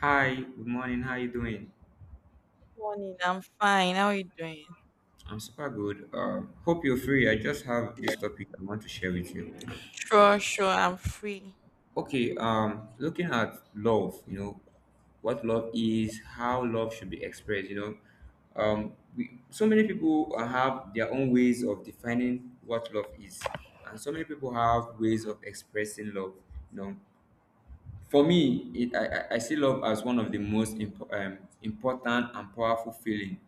Hi, good morning. How you doing? Morning, I'm fine. How are you doing? I'm super good. Hope you're free. I just have this topic I want to share with you. Sure, I'm free. Okay. Looking at love, what love is, how love should be expressed. So many people have their own ways of defining what love is, and so many people have ways of expressing love. You know, for me, it, I see love as one of the most important and powerful feeling,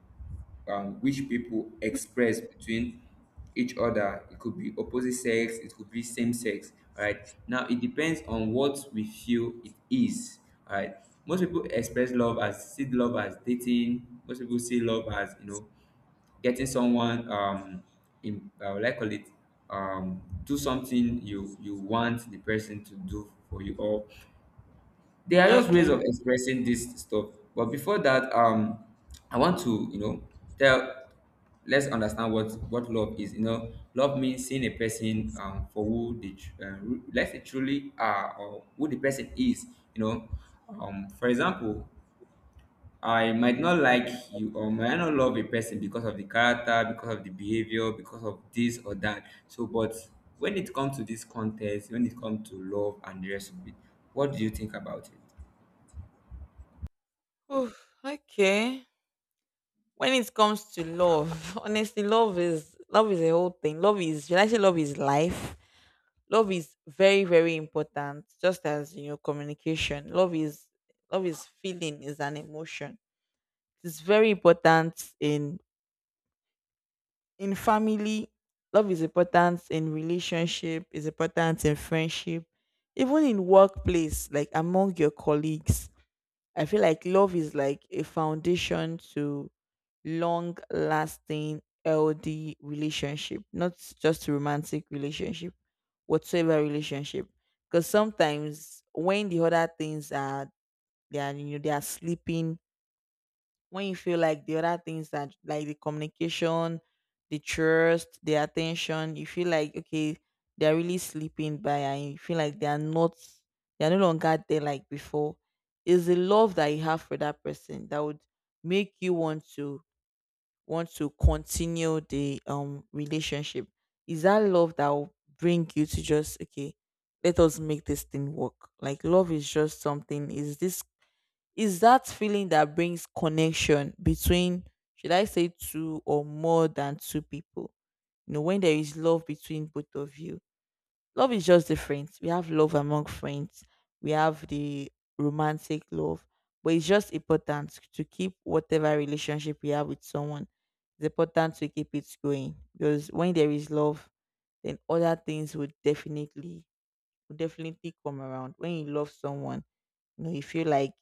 which people express between each other. It could be opposite sex, it could be same sex. All right? Now, it depends on what we feel it is. All right? Most people express love as, see love as dating. Most people see love as, getting someone, in, what I call it, do something you want the person to do for you, or they are just ways Okay. of expressing this stuff. But before that, I want to, you know, tell let's understand what love is. You know, Love means seeing a person, for who let's say truly are, or who the person is. You know, for example, I might not like you, or might not love a person, because of the character, because of the behavior, because of this or that. So, but when it comes to this contest, when it comes to love and the rest of it, what do you think about it? Oof, okay. When it comes to love, honestly, love is a whole thing. Love is, should I say, love is life. Love is very, very important. Just as you know, communication. Love is feeling, is an emotion. It's very important in family, love is important in relationship, is important in friendship, even in workplace, like among your colleagues. I feel like love is like a foundation to long lasting, healthy relationship, not just romantic relationship, whatsoever relationship. Because sometimes when the other things are, they are, you know, they are sleeping, when you feel like the other things, that like the communication, the trust, the attention, you feel like okay, they're really sleeping by and you feel like they are not, they're no longer there like before. Is the love that you have for that person that would make you want to continue the relationship. Is that love that will bring you to just okay, let us make this thing work. Like love is just something, is that feeling that brings connection between, should I say, two or more than two people. You know, when there is love between both of you, love is just different. We have love among friends, we have the romantic love, but it's just important to keep whatever relationship we have with someone. It's important to keep it going because when there is love, then other things would definitely come around. When you love someone, you know, you feel like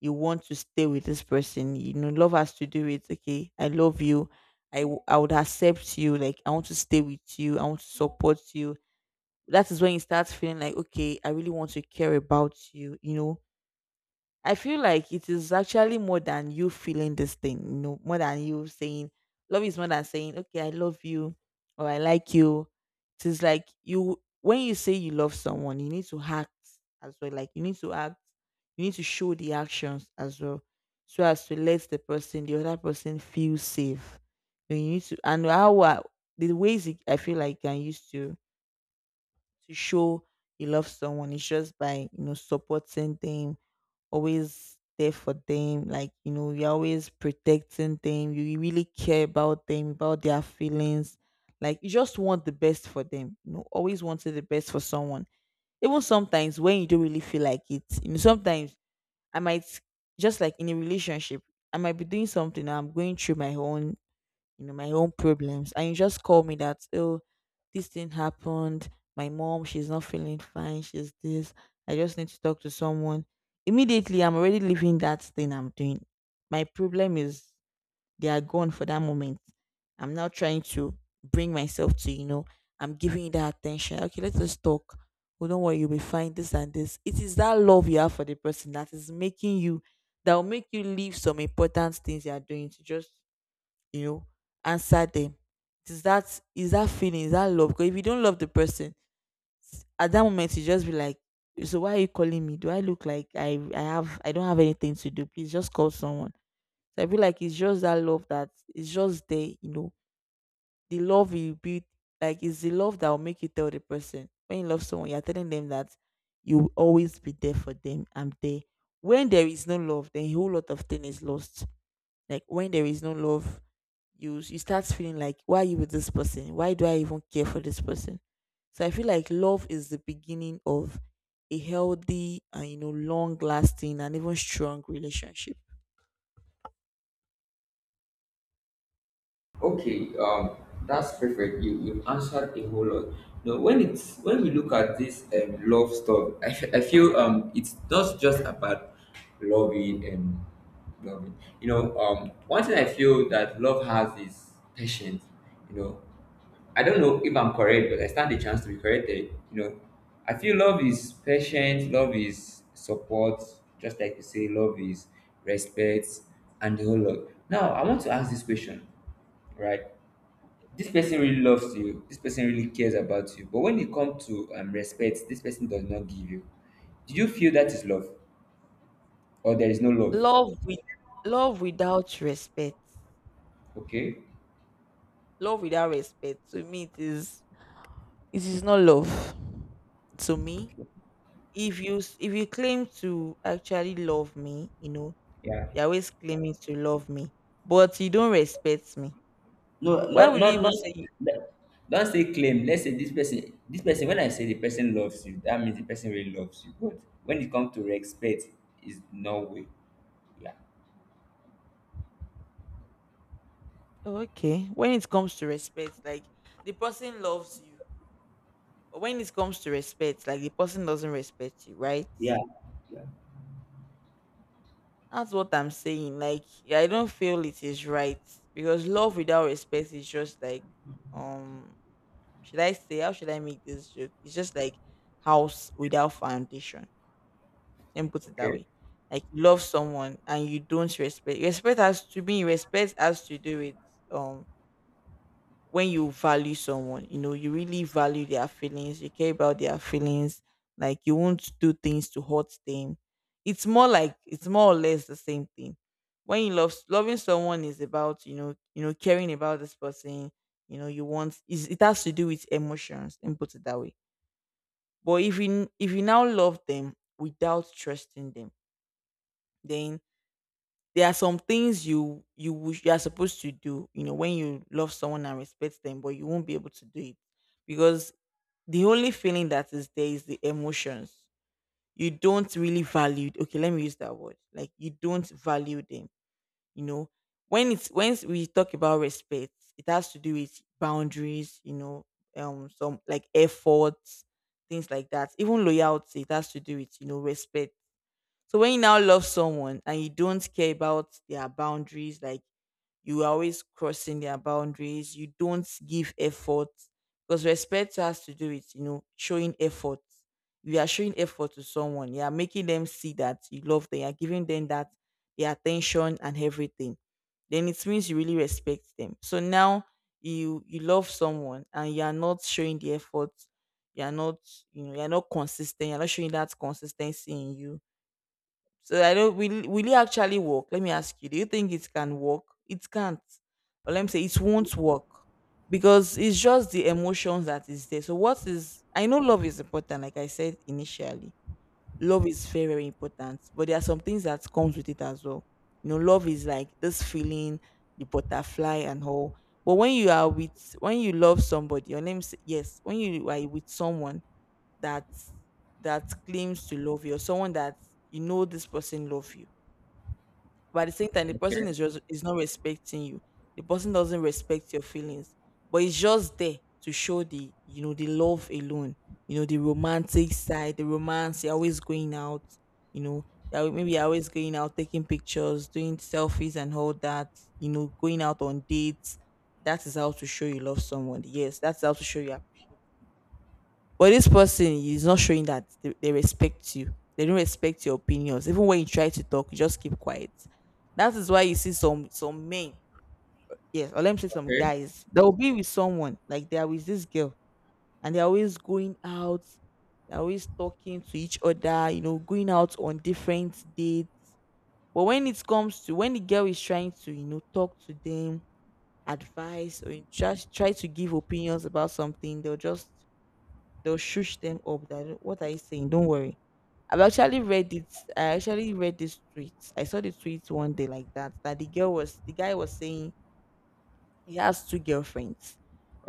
you want to stay with this person. You know, love has to do with, okay, I love you, I would accept you, like I want to stay with you, I want to support you. That is when you start feeling like, okay, I really want to care about you. You know, I feel like it is actually more than you feeling this thing, you know, more than you saying. Love is more than saying, okay, I love you or I like you. It is like, you when you say you love someone, you need to act as well. Like you need to act, you need to show the actions as well, so as to let the person, the other person, feel safe. You need to and how I- I feel like I used to show you love someone is just by, you know, supporting them, always there for them. Like, you know, you're always protecting them. You really care about them, about their feelings. Like, you just want the best for them. You know, always wanted the best for someone. Even sometimes when you don't really feel like it, you know, sometimes I might, just like in a relationship, I might be doing something, I'm going through my own, you know, my own problems. And you just call me that, oh, this thing happened. My mom, she's not feeling fine. She's this. I just need to talk to someone. Immediately, I'm already leaving that thing I'm doing. My problem is they are gone for that moment. I'm now trying to bring myself to, you know, I'm giving you that attention. Okay, let's just talk. Oh, don't worry, you'll be fine. This and this. It is that love you have for the person that is making you, that will make you leave some important things you are doing to just, you know, answer them. It is that feeling? Is that love? Because if you don't love the person, at that moment you just be like, so why are you calling me? Do I look like I don't have anything to do? Please just call someone. So I feel like it's just that love that, it's just there, you know. The love you build, like it's the love that will make you tell the person, when you love someone, you're telling them that you will always be there for them. I'm there. When there is no love, then a whole lot of thing is lost. Like when there is no love, you start feeling like, why are you with this person, why do I even care for this person? So I feel like love is the beginning of a healthy and, you know, long lasting and even strong relationship. Okay. That's perfect. You answered a whole lot. No, when we look at this, love stuff, I feel, it's not just about loving and loving. One thing I feel that love has is patience. You know, I don't know if I'm correct, but I stand a chance to be corrected. I feel love is patience. Love is support. Just like you say, love is respect, and the whole lot. Now, I want to ask this question, right? This Okay. person really loves you, this person really cares about you, but when it comes to, respect, this person does not give you. Do you feel that is love, or there is no love? love with Love without respect. Okay. Love without respect, to me, it is, it is not love. To me, if you claim to actually love me, you know, Yeah. you're always claiming to love me but you don't respect me, No, why not, would you not, even not. say? Don't say claim. Let's say this person, when I say the person loves you, that means the person really loves you, but when it comes to respect, is no way. Yeah. Okay. When it comes to respect, like, the person loves you. But when it comes to respect, like the person doesn't respect you, right? Yeah. Yeah. That's what I'm saying. Like, yeah, I don't feel it is right, because love without respect is just like, um should I say, how should I make this joke? It's just like house without foundation. Let me put it that Okay. way. Like you love someone and you don't respect. Respect has to be Respect has to do with, um when you value someone, you know, you really value their feelings, you care about their feelings, like you won't do things to hurt them. It's more or less the same thing. When you love Loving someone is about, you know, caring about this person, you know, you want is it has to do with emotions, and put it that way. But if you now love them without trusting them, then there are some things you wish you are supposed to do, you know. When you love someone and respect them but you won't be able to do it, because the only feeling that is there is the emotions, you don't really value, okay let me use that word, like you don't value them, you know. When we talk about respect, it has to do with boundaries, you know, some like efforts, things like that. Even loyalty, it has to do with, you know, respect. So when you now love someone and you don't care about their boundaries, like you are always crossing their boundaries, you don't give effort, because respect has to do with, you know, showing effort. You are showing effort to someone. You are making them see that you love them. You are giving them that, their attention and everything. Then it means you really respect them. So now you love someone and you are not showing the effort. You are not, you know, you are not consistent. You are not showing that consistency in you. So I don't, will it actually work? Let me ask you. Do you think it can work? It can't. Or let me say it won't work. Because it's just the emotions that is there. So what is, I know love is important, like I said initially. Love is very, very important. But there are some things that comes with it as well. You know, love is like this feeling, the butterfly and all. But when you love somebody, or let me say, yes, when you are with someone, that, that claims to love you, or someone that, you know, this person love you but at the same time the person Okay. is just, is not respecting you, the person doesn't respect your feelings, but it's just there to show the, you know, the love alone, you know, the romantic side, the romance, you're always going out, you know, maybe you're always going out, taking pictures, doing selfies and all that, you know, going out on dates, that is how to show you love someone, yes, that's how to show you. But this person is not showing that they respect you. They don't respect your opinions. Even when you try to talk, you just keep quiet. That is why you see some men, yes, or let me say some Okay. guys, they'll be with someone, like they are with this girl, and they're always going out, they're always talking to each other, you know, going out on different dates. But when it comes to when the girl is trying to, talk to them, advice, or you just try to give opinions about something, they'll shush them up that, "Oh, what are you saying? Don't worry." I've actually read it. I actually read this tweet. I saw the tweet one day, like that, that the guy was saying he has two girlfriends.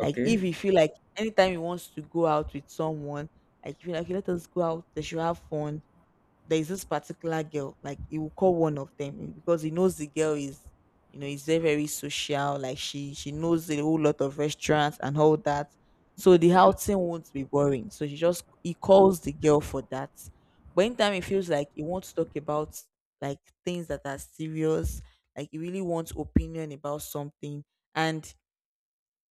Like, if you feel like anytime he wants to go out with someone, like if you like, let us go out, they should have fun. There's this particular girl, like he will call one of them because he knows the girl is, you know, is very social. Like she knows a whole lot of restaurants and all that. So the outing won't be boring. So she just he calls the girl for that. But in time it feels like he wants to talk about, like, things that are serious, like he really wants opinion about something. And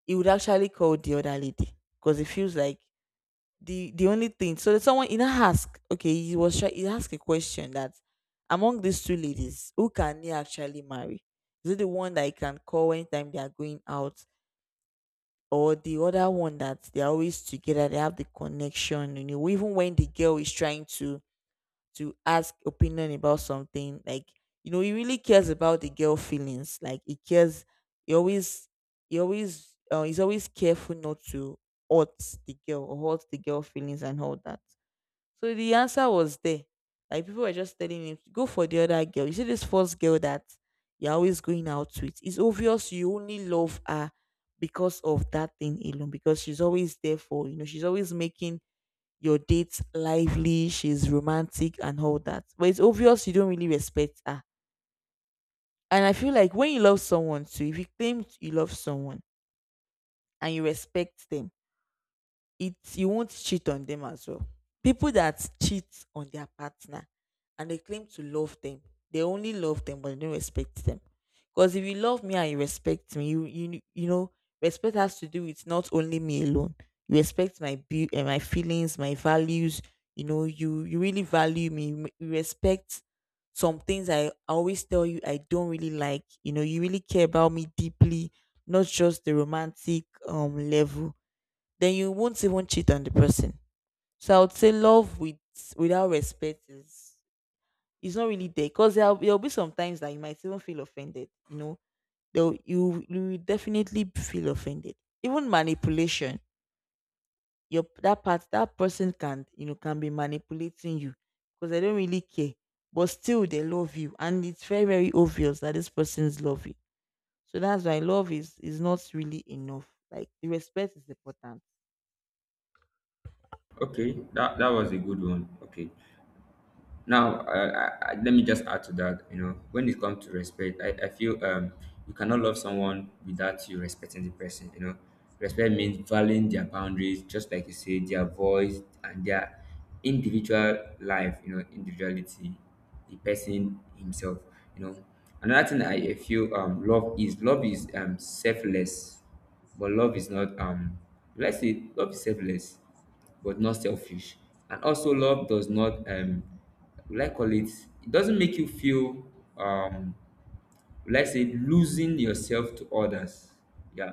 he would actually call the other lady because it feels like the only thing, so that someone in a ask, okay, he was try he asked a question that among these two ladies, who can he actually marry? Is it the one that he can call anytime they are going out, or the other one that they're always together, they have the connection, you know, even when the girl is trying to, ask opinion about something? Like, you know, he really cares about the girl feelings, like he cares, he always, he always he's always careful not to hurt the girl or hurt the girl feelings and all that. So the answer was there. Like, people were just telling him, go for the other girl. You see this first girl that you're always going out with, it's obvious you only love her because of that thing alone, because she's always there for, you know, she's always making your dates lively, she's romantic and all that. But it's obvious you don't really respect her. And I feel like when you love someone too, if you claim you love someone and you respect them, it you won't cheat on them as well. People that cheat on their partner and they claim to love them, they only love them but they don't respect them. Because if you love me and you respect me, you know, respect has to do with not only me alone. You respect my feelings, my values. You know, you really value me. You respect some things I always tell you I don't really like. You know, you really care about me deeply, not just the romantic level, then you won't even cheat on the person. So I would say love with, without respect is not really there, because there'll be some times that you might even feel offended. You know, You will definitely feel offended. Even manipulation, your that part, that person can, you know, can be manipulating you, because they don't really care, but still they love you, and it's very obvious that this person's love you. So that's why love is not really enough. Like, the respect is important. Okay. That was a good one. Okay. Now, let me just add to that. You know, when it comes to respect, I feel, you cannot love someone without you respecting the person. You know, respect means valuing their boundaries, just like you say, their voice, and their individual life, you know, individuality, the person himself you know Another thing I feel, love is, selfless. But love is not, let's say love is selfless, but not selfish. And also, love does not, will I call it, it doesn't make you feel, um, will I say, losing yourself to others. Yeah.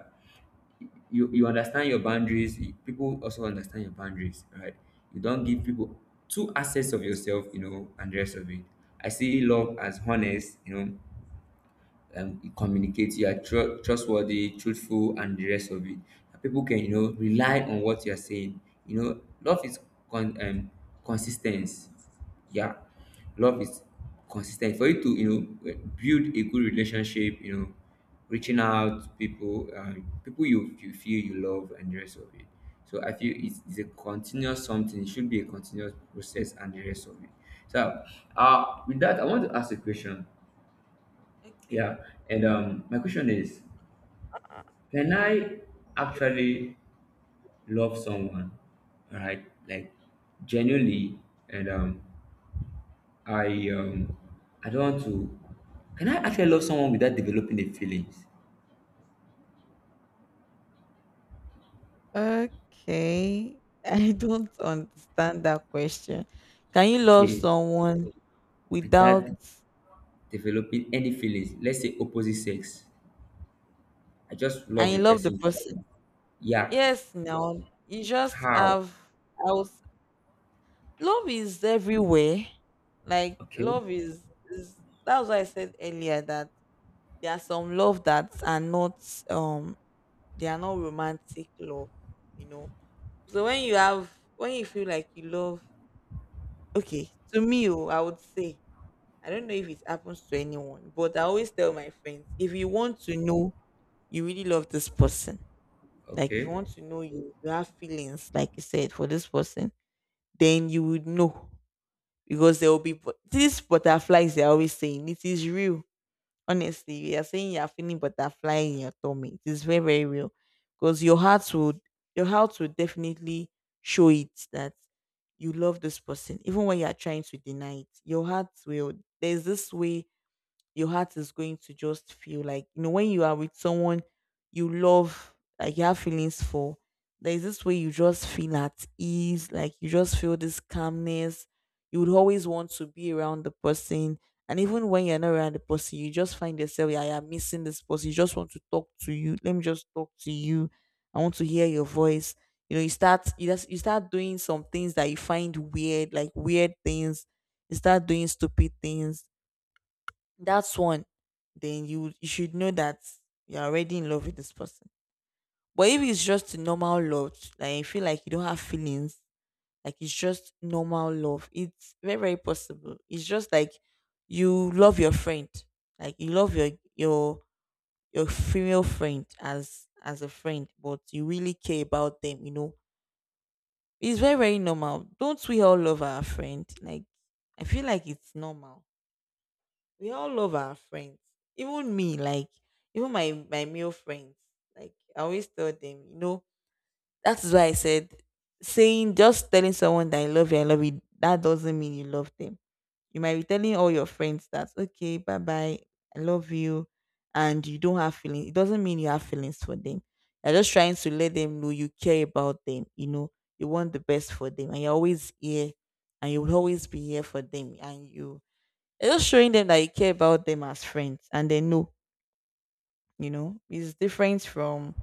You understand your boundaries. People also understand your boundaries, right? You don't give people two assets of yourself, and the rest of it. I see love as honest, you communicate, you are trustworthy, truthful, and the rest of it. And people can, rely on what you are saying. Love is con- um, consistency. Yeah, love is consistent. For you to, know, build a good relationship, reaching out to people, people you feel you love, and the rest of it. So I feel it's a continuous something. It should be a continuous process, and the rest of it. So, with that, I want to ask a question. Okay. Yeah, and my question is, can I actually love someone, right? Like, genuinely, and I um, I don't want to. Can I actually love someone without developing the feelings? Okay. I don't understand that question. Can you love Okay, someone without without, developing any feelings. Let's say opposite sex. I just and love you the love the person. person? Yeah. Yes, now you just How? have, I was love is everywhere. Like Okay. love is, that's why I said earlier that there are some love that are not um they are not romantic love, you know. So when you have, when you feel like you love, okay, to me, oh, I would say, I don't know if it happens to anyone, but I always tell my friends, if you want to know you really love this person, like if you Okay. want to know you, you have feelings, like you said, for this person, then you would know because there will be these butterflies, they're always saying it is real. Honestly, you are saying you are feeling butterfly in your tummy. It is very, very real because your heart would, your heart will definitely show it that you love this person, even when you are trying to deny it. Your heart will. There's this way your heart is going to just feel like, you know, when you are with someone you love, like you have feelings for, there's this way you just feel at ease, like you just feel this calmness. You would always want to be around the person, and even when you're not around the person, you just find yourself, yeah, you're missing this person, you just want to talk to you, let me just talk to you, I want to hear your voice. You know, you start doing some things that you find weird, like weird things, you start doing stupid things. That's one, then you should know that you're already in love with this person. But if it's just normal love, like you feel like you don't have feelings, like it's just normal love, it's very possible. It's just like you love your friend, like you love your female friend as a friend, but you really care about them. You know, it's very normal. Don't we all love our friend? Like, I feel like it's normal, we all love our friends. Even me, like, even my male friends, like I always tell them, you know, that is why I said, saying just telling someone that I love you, that doesn't mean you love them. You might be telling all your friends that, okay, bye bye, I love you, and you don't have feelings. It doesn't mean you have feelings for them. You're just trying to let them know you care about them. You know, you want the best for them, and you're always here, and you will always be here for them, and you just showing them that you care about them as friends and they know, you know, it's different from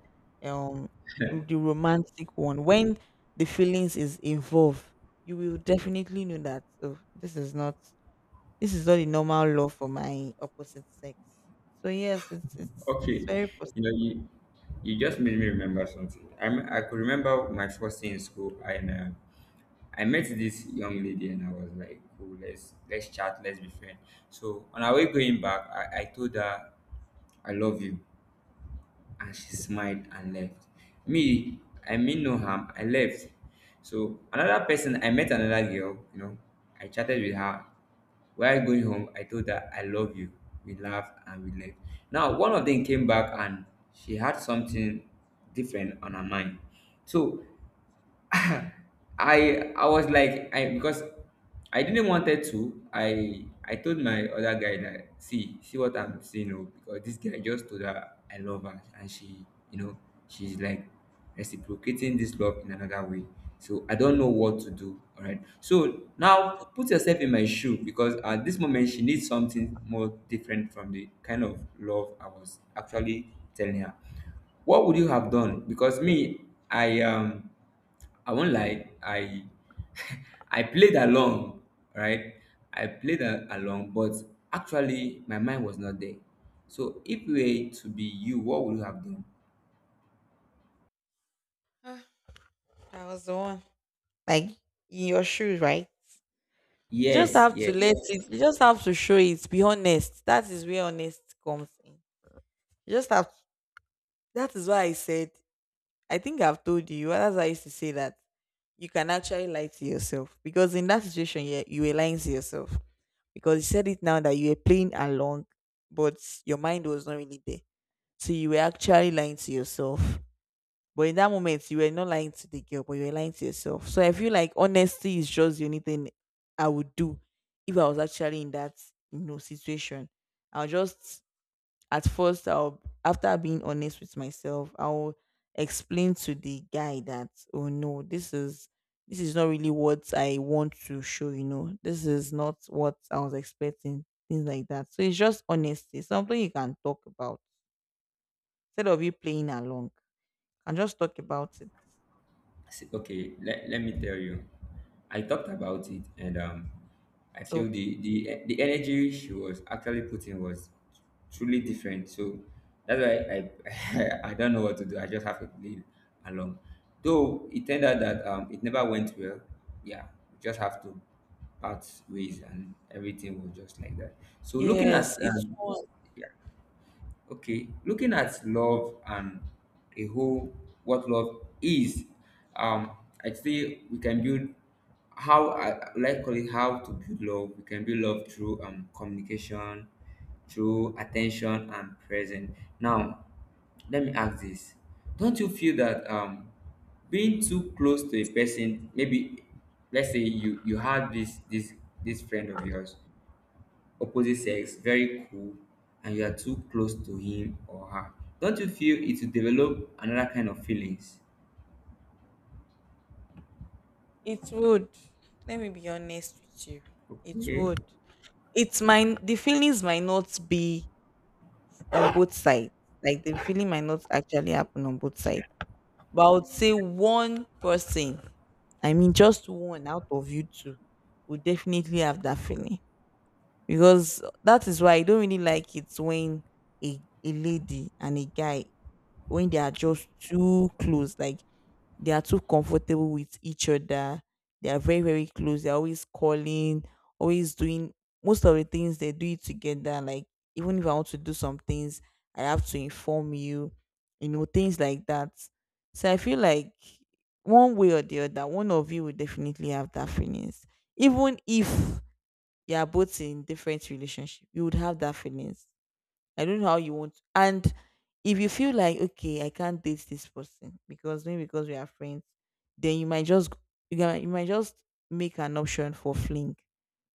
um the romantic one. When the feelings is involved, you will definitely know that, oh, this is not, this is not the normal love for my opposite sex. So yes, it's it's Okay. very positive. You know you. You just made me remember something. I could remember my first day in school, and I met this young lady and I was like, cool, let's, chat, let's be friends. So on our way going back, I told her, I love you. And she smiled and left. Me, I mean no harm, I left. So another person, I met another girl. I chatted with her. While going home, I told her, I love you. We laughed and we left. Now one of them came back, and she had something different on her mind. So I I was like, I because I didn't wanted to. I told my other guy that, see, what I'm seeing. Oh, because this guy just told her I love her, and she, you know she's like reciprocating this love in another way. So I don't know what to do. All right. So now put yourself in my shoe, because at this moment she needs something more different from the kind of love I was actually telling her. What would you have done? Because me, I um I won't lie, I I played along, right? I played along, but actually my mind was not there. So if we were to be you, what would you have done? That was the one. Like, in your shoes, right? You just Yes, have to yes. let it. You just have to show it. Be honest. That is where honest comes in. You just have. That is why I said, I think I've told you, as I used to say that you can actually lie to yourself because in that situation, yeah, you were lying to yourself because you said it now that you were playing along, but your mind was not really there. So you were actually lying to yourself. But in that moment, you were not lying to the girl, but you were lying to yourself. So I feel like honesty is just the only thing I would do if I was actually in that, you know, situation. I'll just, at first I'll, after being honest with myself, I'll explain to the guy that, oh no, this is, this is not really what I want to show, you know. This is not what I was expecting, things like that. So it's just honesty, something you can talk about instead of you playing along. And just talk about it. Okay, let me tell you. I talked about it, and I feel Oh the, the energy she was actually putting was truly different. So that's why I I don't know what to do. I just have to lead along, though it turned out that, it never went well. Yeah, we just have to part ways, and everything was just like that. So looking at, yes, it would. yeah. Okay, looking at love and a whole, what love is, um, I'd say we can build, how I like call it, how to build love. We can build love through, communication, through attention and present. Now, let me ask this: Don't you feel that, being too close to a person, maybe let's say you have this, this friend of yours, opposite sex, very cool, and you are too close to him or her, don't you feel it will develop another kind of feelings? It would. Let me be honest with you. It Okay. would. It's mine. The feelings might not be on both sides. Like the feeling might not actually happen on both sides. But I would say one person, I mean just one out of you two, would definitely have that feeling. Because that is why I don't really like it when a lady and a guy, when they are just too close. Like, they are too comfortable with each other. They are very, very close. They're always calling, always doing most of the things, they do it together. Like, even if I want to do some things, I have to inform you, you know, things like that. So I feel like one way or the other, one of you will definitely have that feelings. Even if you are both in different relationship, you would have that feelings, I don't know how you want. And if you feel like, okay, I can't date this person because maybe because we are friends, then you might just, you might just make an option for fling.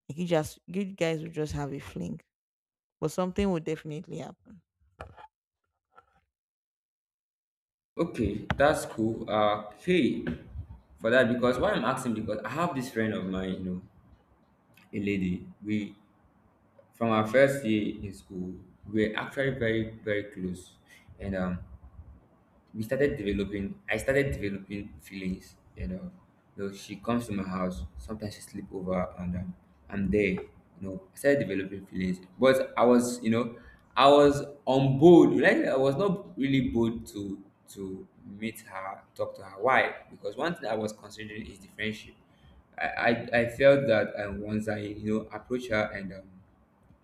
Like, you just, you guys will just have a fling, but something will definitely happen. Okay, that's cool. Hey, for that, because, why I'm asking, because I have this friend of mine, a lady. We, from our first year in school, we're actually very very close, and we started developing, I started developing feelings. You know, you know, she comes to my house sometimes, she sleep over, and I'm there, you know, I started developing feelings, but I was, I was on board, like I was not really bold to, meet her, talk to her. Why? Because one thing I was considering is the friendship. i I felt that, once i, approach her, and,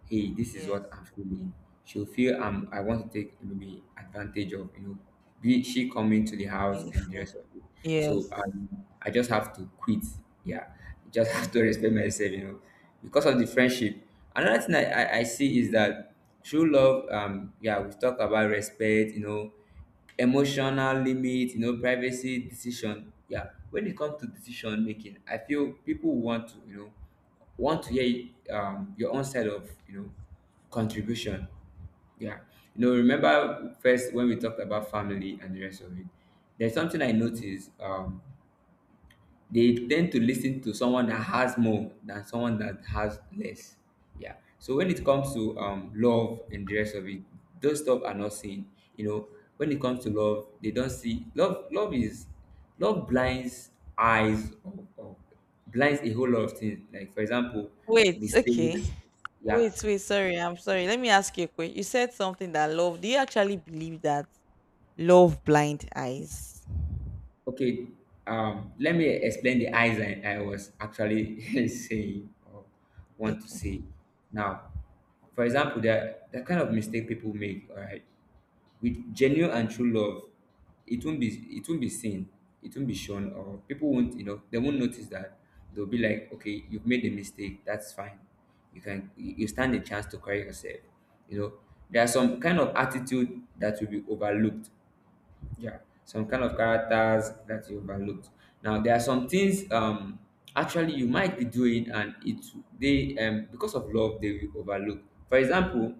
hey, this is what Yes. I'm feeling. She'll feel, I want to take, maybe, advantage of, be she coming to the house, If- and the rest of it. So, Yes. I just have to quit. Yeah. Just have to respect myself. Because of the friendship. Another thing I see is that true love, yeah, we talk about respect, emotional limit, privacy, decision. Yeah. When it comes to decision making, I feel people want to, want to hear, your own side of, contribution. Yeah, remember first when we talked about family and the rest of it. There's something I noticed. They tend to listen to someone that has more than someone that has less. Yeah. So when it comes to, love and the rest of it, those stuff are not seen. You know, when it comes to love, they don't see love. Love is, love blinds eyes of blinds a whole lot of things. Like, for example, Wait, okay. mistakes. Yeah. Sorry. I'm sorry. Let me ask you a question. You said something that love. Do you actually believe that love blind eyes? Okay, let me explain the eyes I was actually saying, or want to Okay. say. Now, for example, the kind of mistake people make, all right, with genuine and true love, it won't be, seen, it won't be shown, or people won't, they won't notice that. They'll be like, okay, you've made a mistake, that's fine. You can you you stand a chance to correct yourself. You know, there are some kind of attitude that will be overlooked. Yeah. Some kind of characters that you overlooked. Now there are some things, actually you might be doing, and it they, because of love, they will overlook. For example,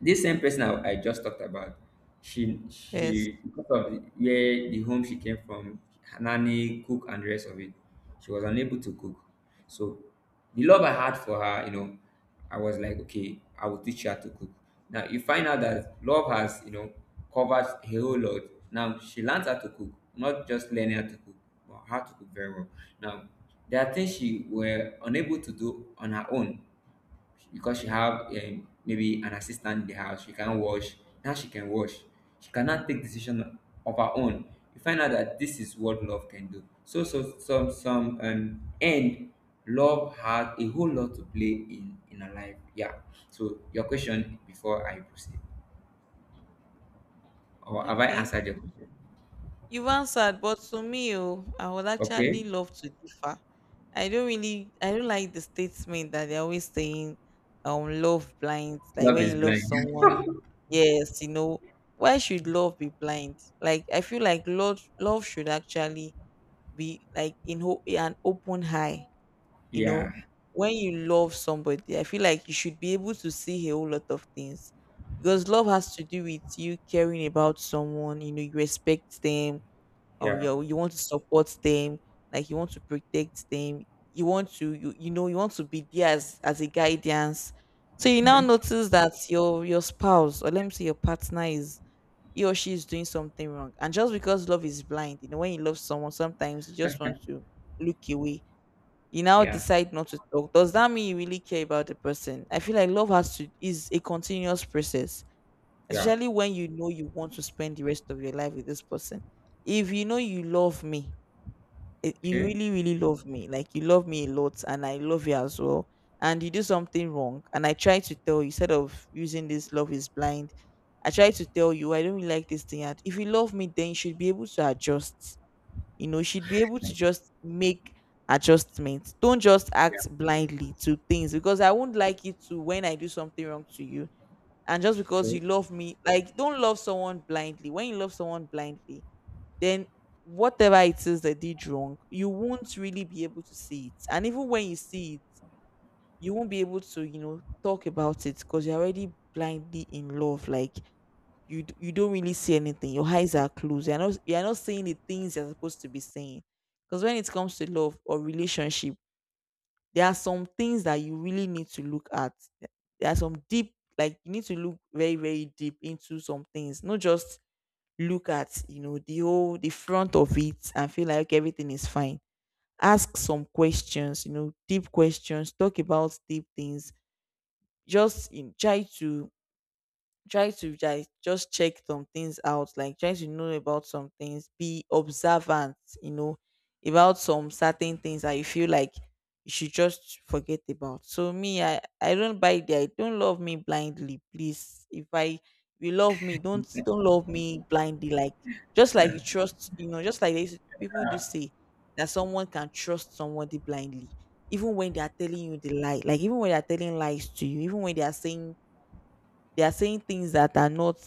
this same person I just talked about, she Yes. she because of the, where the home she came from, nanny, cook, and the rest of it, she was unable to cook. So the love I had for her, I was like, okay, I will teach her to cook. Now you find out that love has, covered a whole lot. Now she learns how to cook, not just learning how to cook, but how to cook very well. Now there are things she were unable to do on her own, because she have, maybe an assistant in the house she can wash. Now she can wash. She cannot take decision of her own. You find out that this is what love can do. So some, and love has a whole lot to play in her life. Yeah. So your question, before I proceed, or have I Okay. answered your question? You've answered, but to me, oh, I would Okay. actually love to differ. I don't really, I don't like the statement that they're always saying, love blind. Like, Love when is you love blind. someone, yes, you know, why should love be blind? Like, I feel like love, love should actually be like in an open eye. You know, Yeah. when you love somebody, I feel like you should be able to see a whole lot of things because love has to do with you caring about someone. You know, you respect them, Yeah. you want to support them, like you want to protect them. You want to, you want to be there as, a guidance. So you now Okay. notice that your spouse, or let me say your partner, is he or she is doing something wrong, and just because love is blind, you know, when you love someone, sometimes you just want to look away. You now Yeah. decide not to talk. Does that mean you really care about the person? I feel like love has to is a continuous process, Yeah. especially when you know you want to spend the rest of your life with this person. If you know you love me, you Okay. really, really love me, like you love me a lot, and I love you as well, and you do something wrong, and I try to tell you, instead of using this love is blind, I try to tell you I don't really like this thing. And if you love me, then you should be able to adjust. You know, you should be able to just make adjustments. Don't just Yeah. act blindly to things, because I won't like you to when I do something wrong to you, and just because you Okay. love me. Like, don't love someone blindly. When you love someone blindly, then whatever it is they did wrong, you won't really be able to see it. And even when you see it, you won't be able to, you know, talk about it, because you're already blindly in love. Like, you don't really see anything. Your eyes are closed. You're not saying the things you're supposed to be saying, because when it comes to love or relationship, there are some things that you really need to look at. There are some deep, like, you need to look very, very deep into some things, not just look at, you know, the whole, the front of it, and feel like okay, everything is fine. Ask some questions, you know, deep questions. Talk about deep things. Try to try to like just check some things out, like try to know about some things. Be observant, you know, about some certain things that you feel like you should just forget about. So me, I don't buy the I don't love me blindly, please. If I You love me, don't love me blindly. Like, just like you trust, you know, just like people do say that someone can trust somebody blindly. Even when they are telling you the lie, like even when they are telling lies to you, even when they are saying things that are not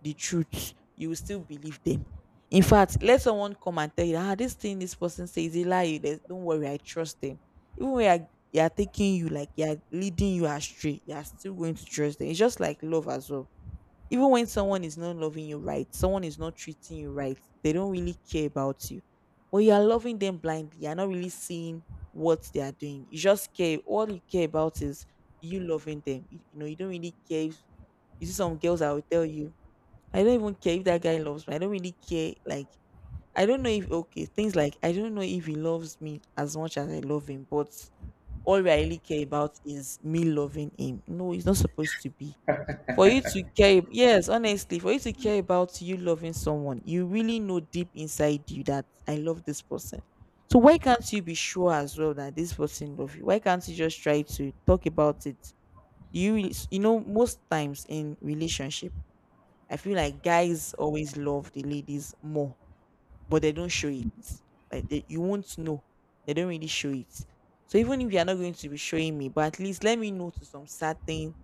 the truth, you will still believe them. In fact, let someone come and tell you, ah, this thing, this person says is a lie. Don't worry, I trust them. Even when they are taking you, like they are leading you astray, you are still going to trust them. It's just like love as well. Even when someone is not loving you right, someone is not treating you right, they don't really care about you. But you are loving them blindly. You're not really seeing what they are doing. You just care. All you care about is you loving them. You know, you don't really care. If, you see some girls that will tell you, I don't even care if that guy loves me. I don't really care. Like, I don't know if, okay, things like, I don't know if he loves me as much as I love him, but all I really care about is me loving him. No, it's not supposed to be for you to care. Yes, honestly, for you to care about you loving someone, you really know deep inside you that I love this person. So why can't you be sure as well that this person loves you? Why can't you just try to talk about it? You know, most times in relationship, I feel like guys always love the ladies more, but they don't show it. You won't know, they don't really show it. So even if you're not going to be showing me, but at least let me know to some certain,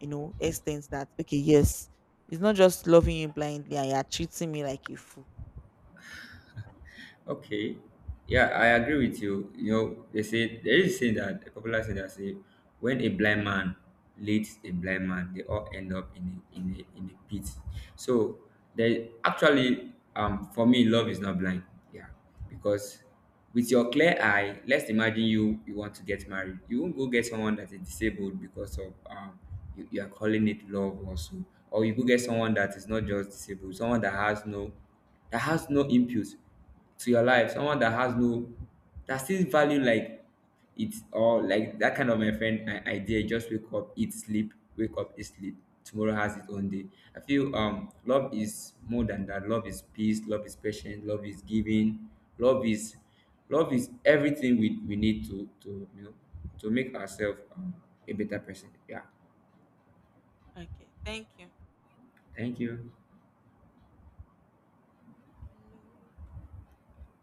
you know, extent that okay, yes, it's not just loving you blindly and you're treating me like a fool. Okay. Yeah, I agree with you. They say there is a saying, that a popular saying that say, when a blind man leads a blind man, they all end up in a pit. So they actually, for me, love is not blind. Yeah. Because with your clear eye, let's imagine you want to get married. You won't go get someone that is disabled because of, you are calling it love also. Or you go get someone that is not just disabled, someone that has no input to your life, someone that has no, that still value, like it, or like that kind of my friend, idea. Just wake up, eat, sleep, wake up, eat, sleep. Tomorrow has its own day. I feel, love is more than that. Love is peace, love is patience, love is giving, love is, everything we need to, to make ourselves, a better person. Yeah, thank you.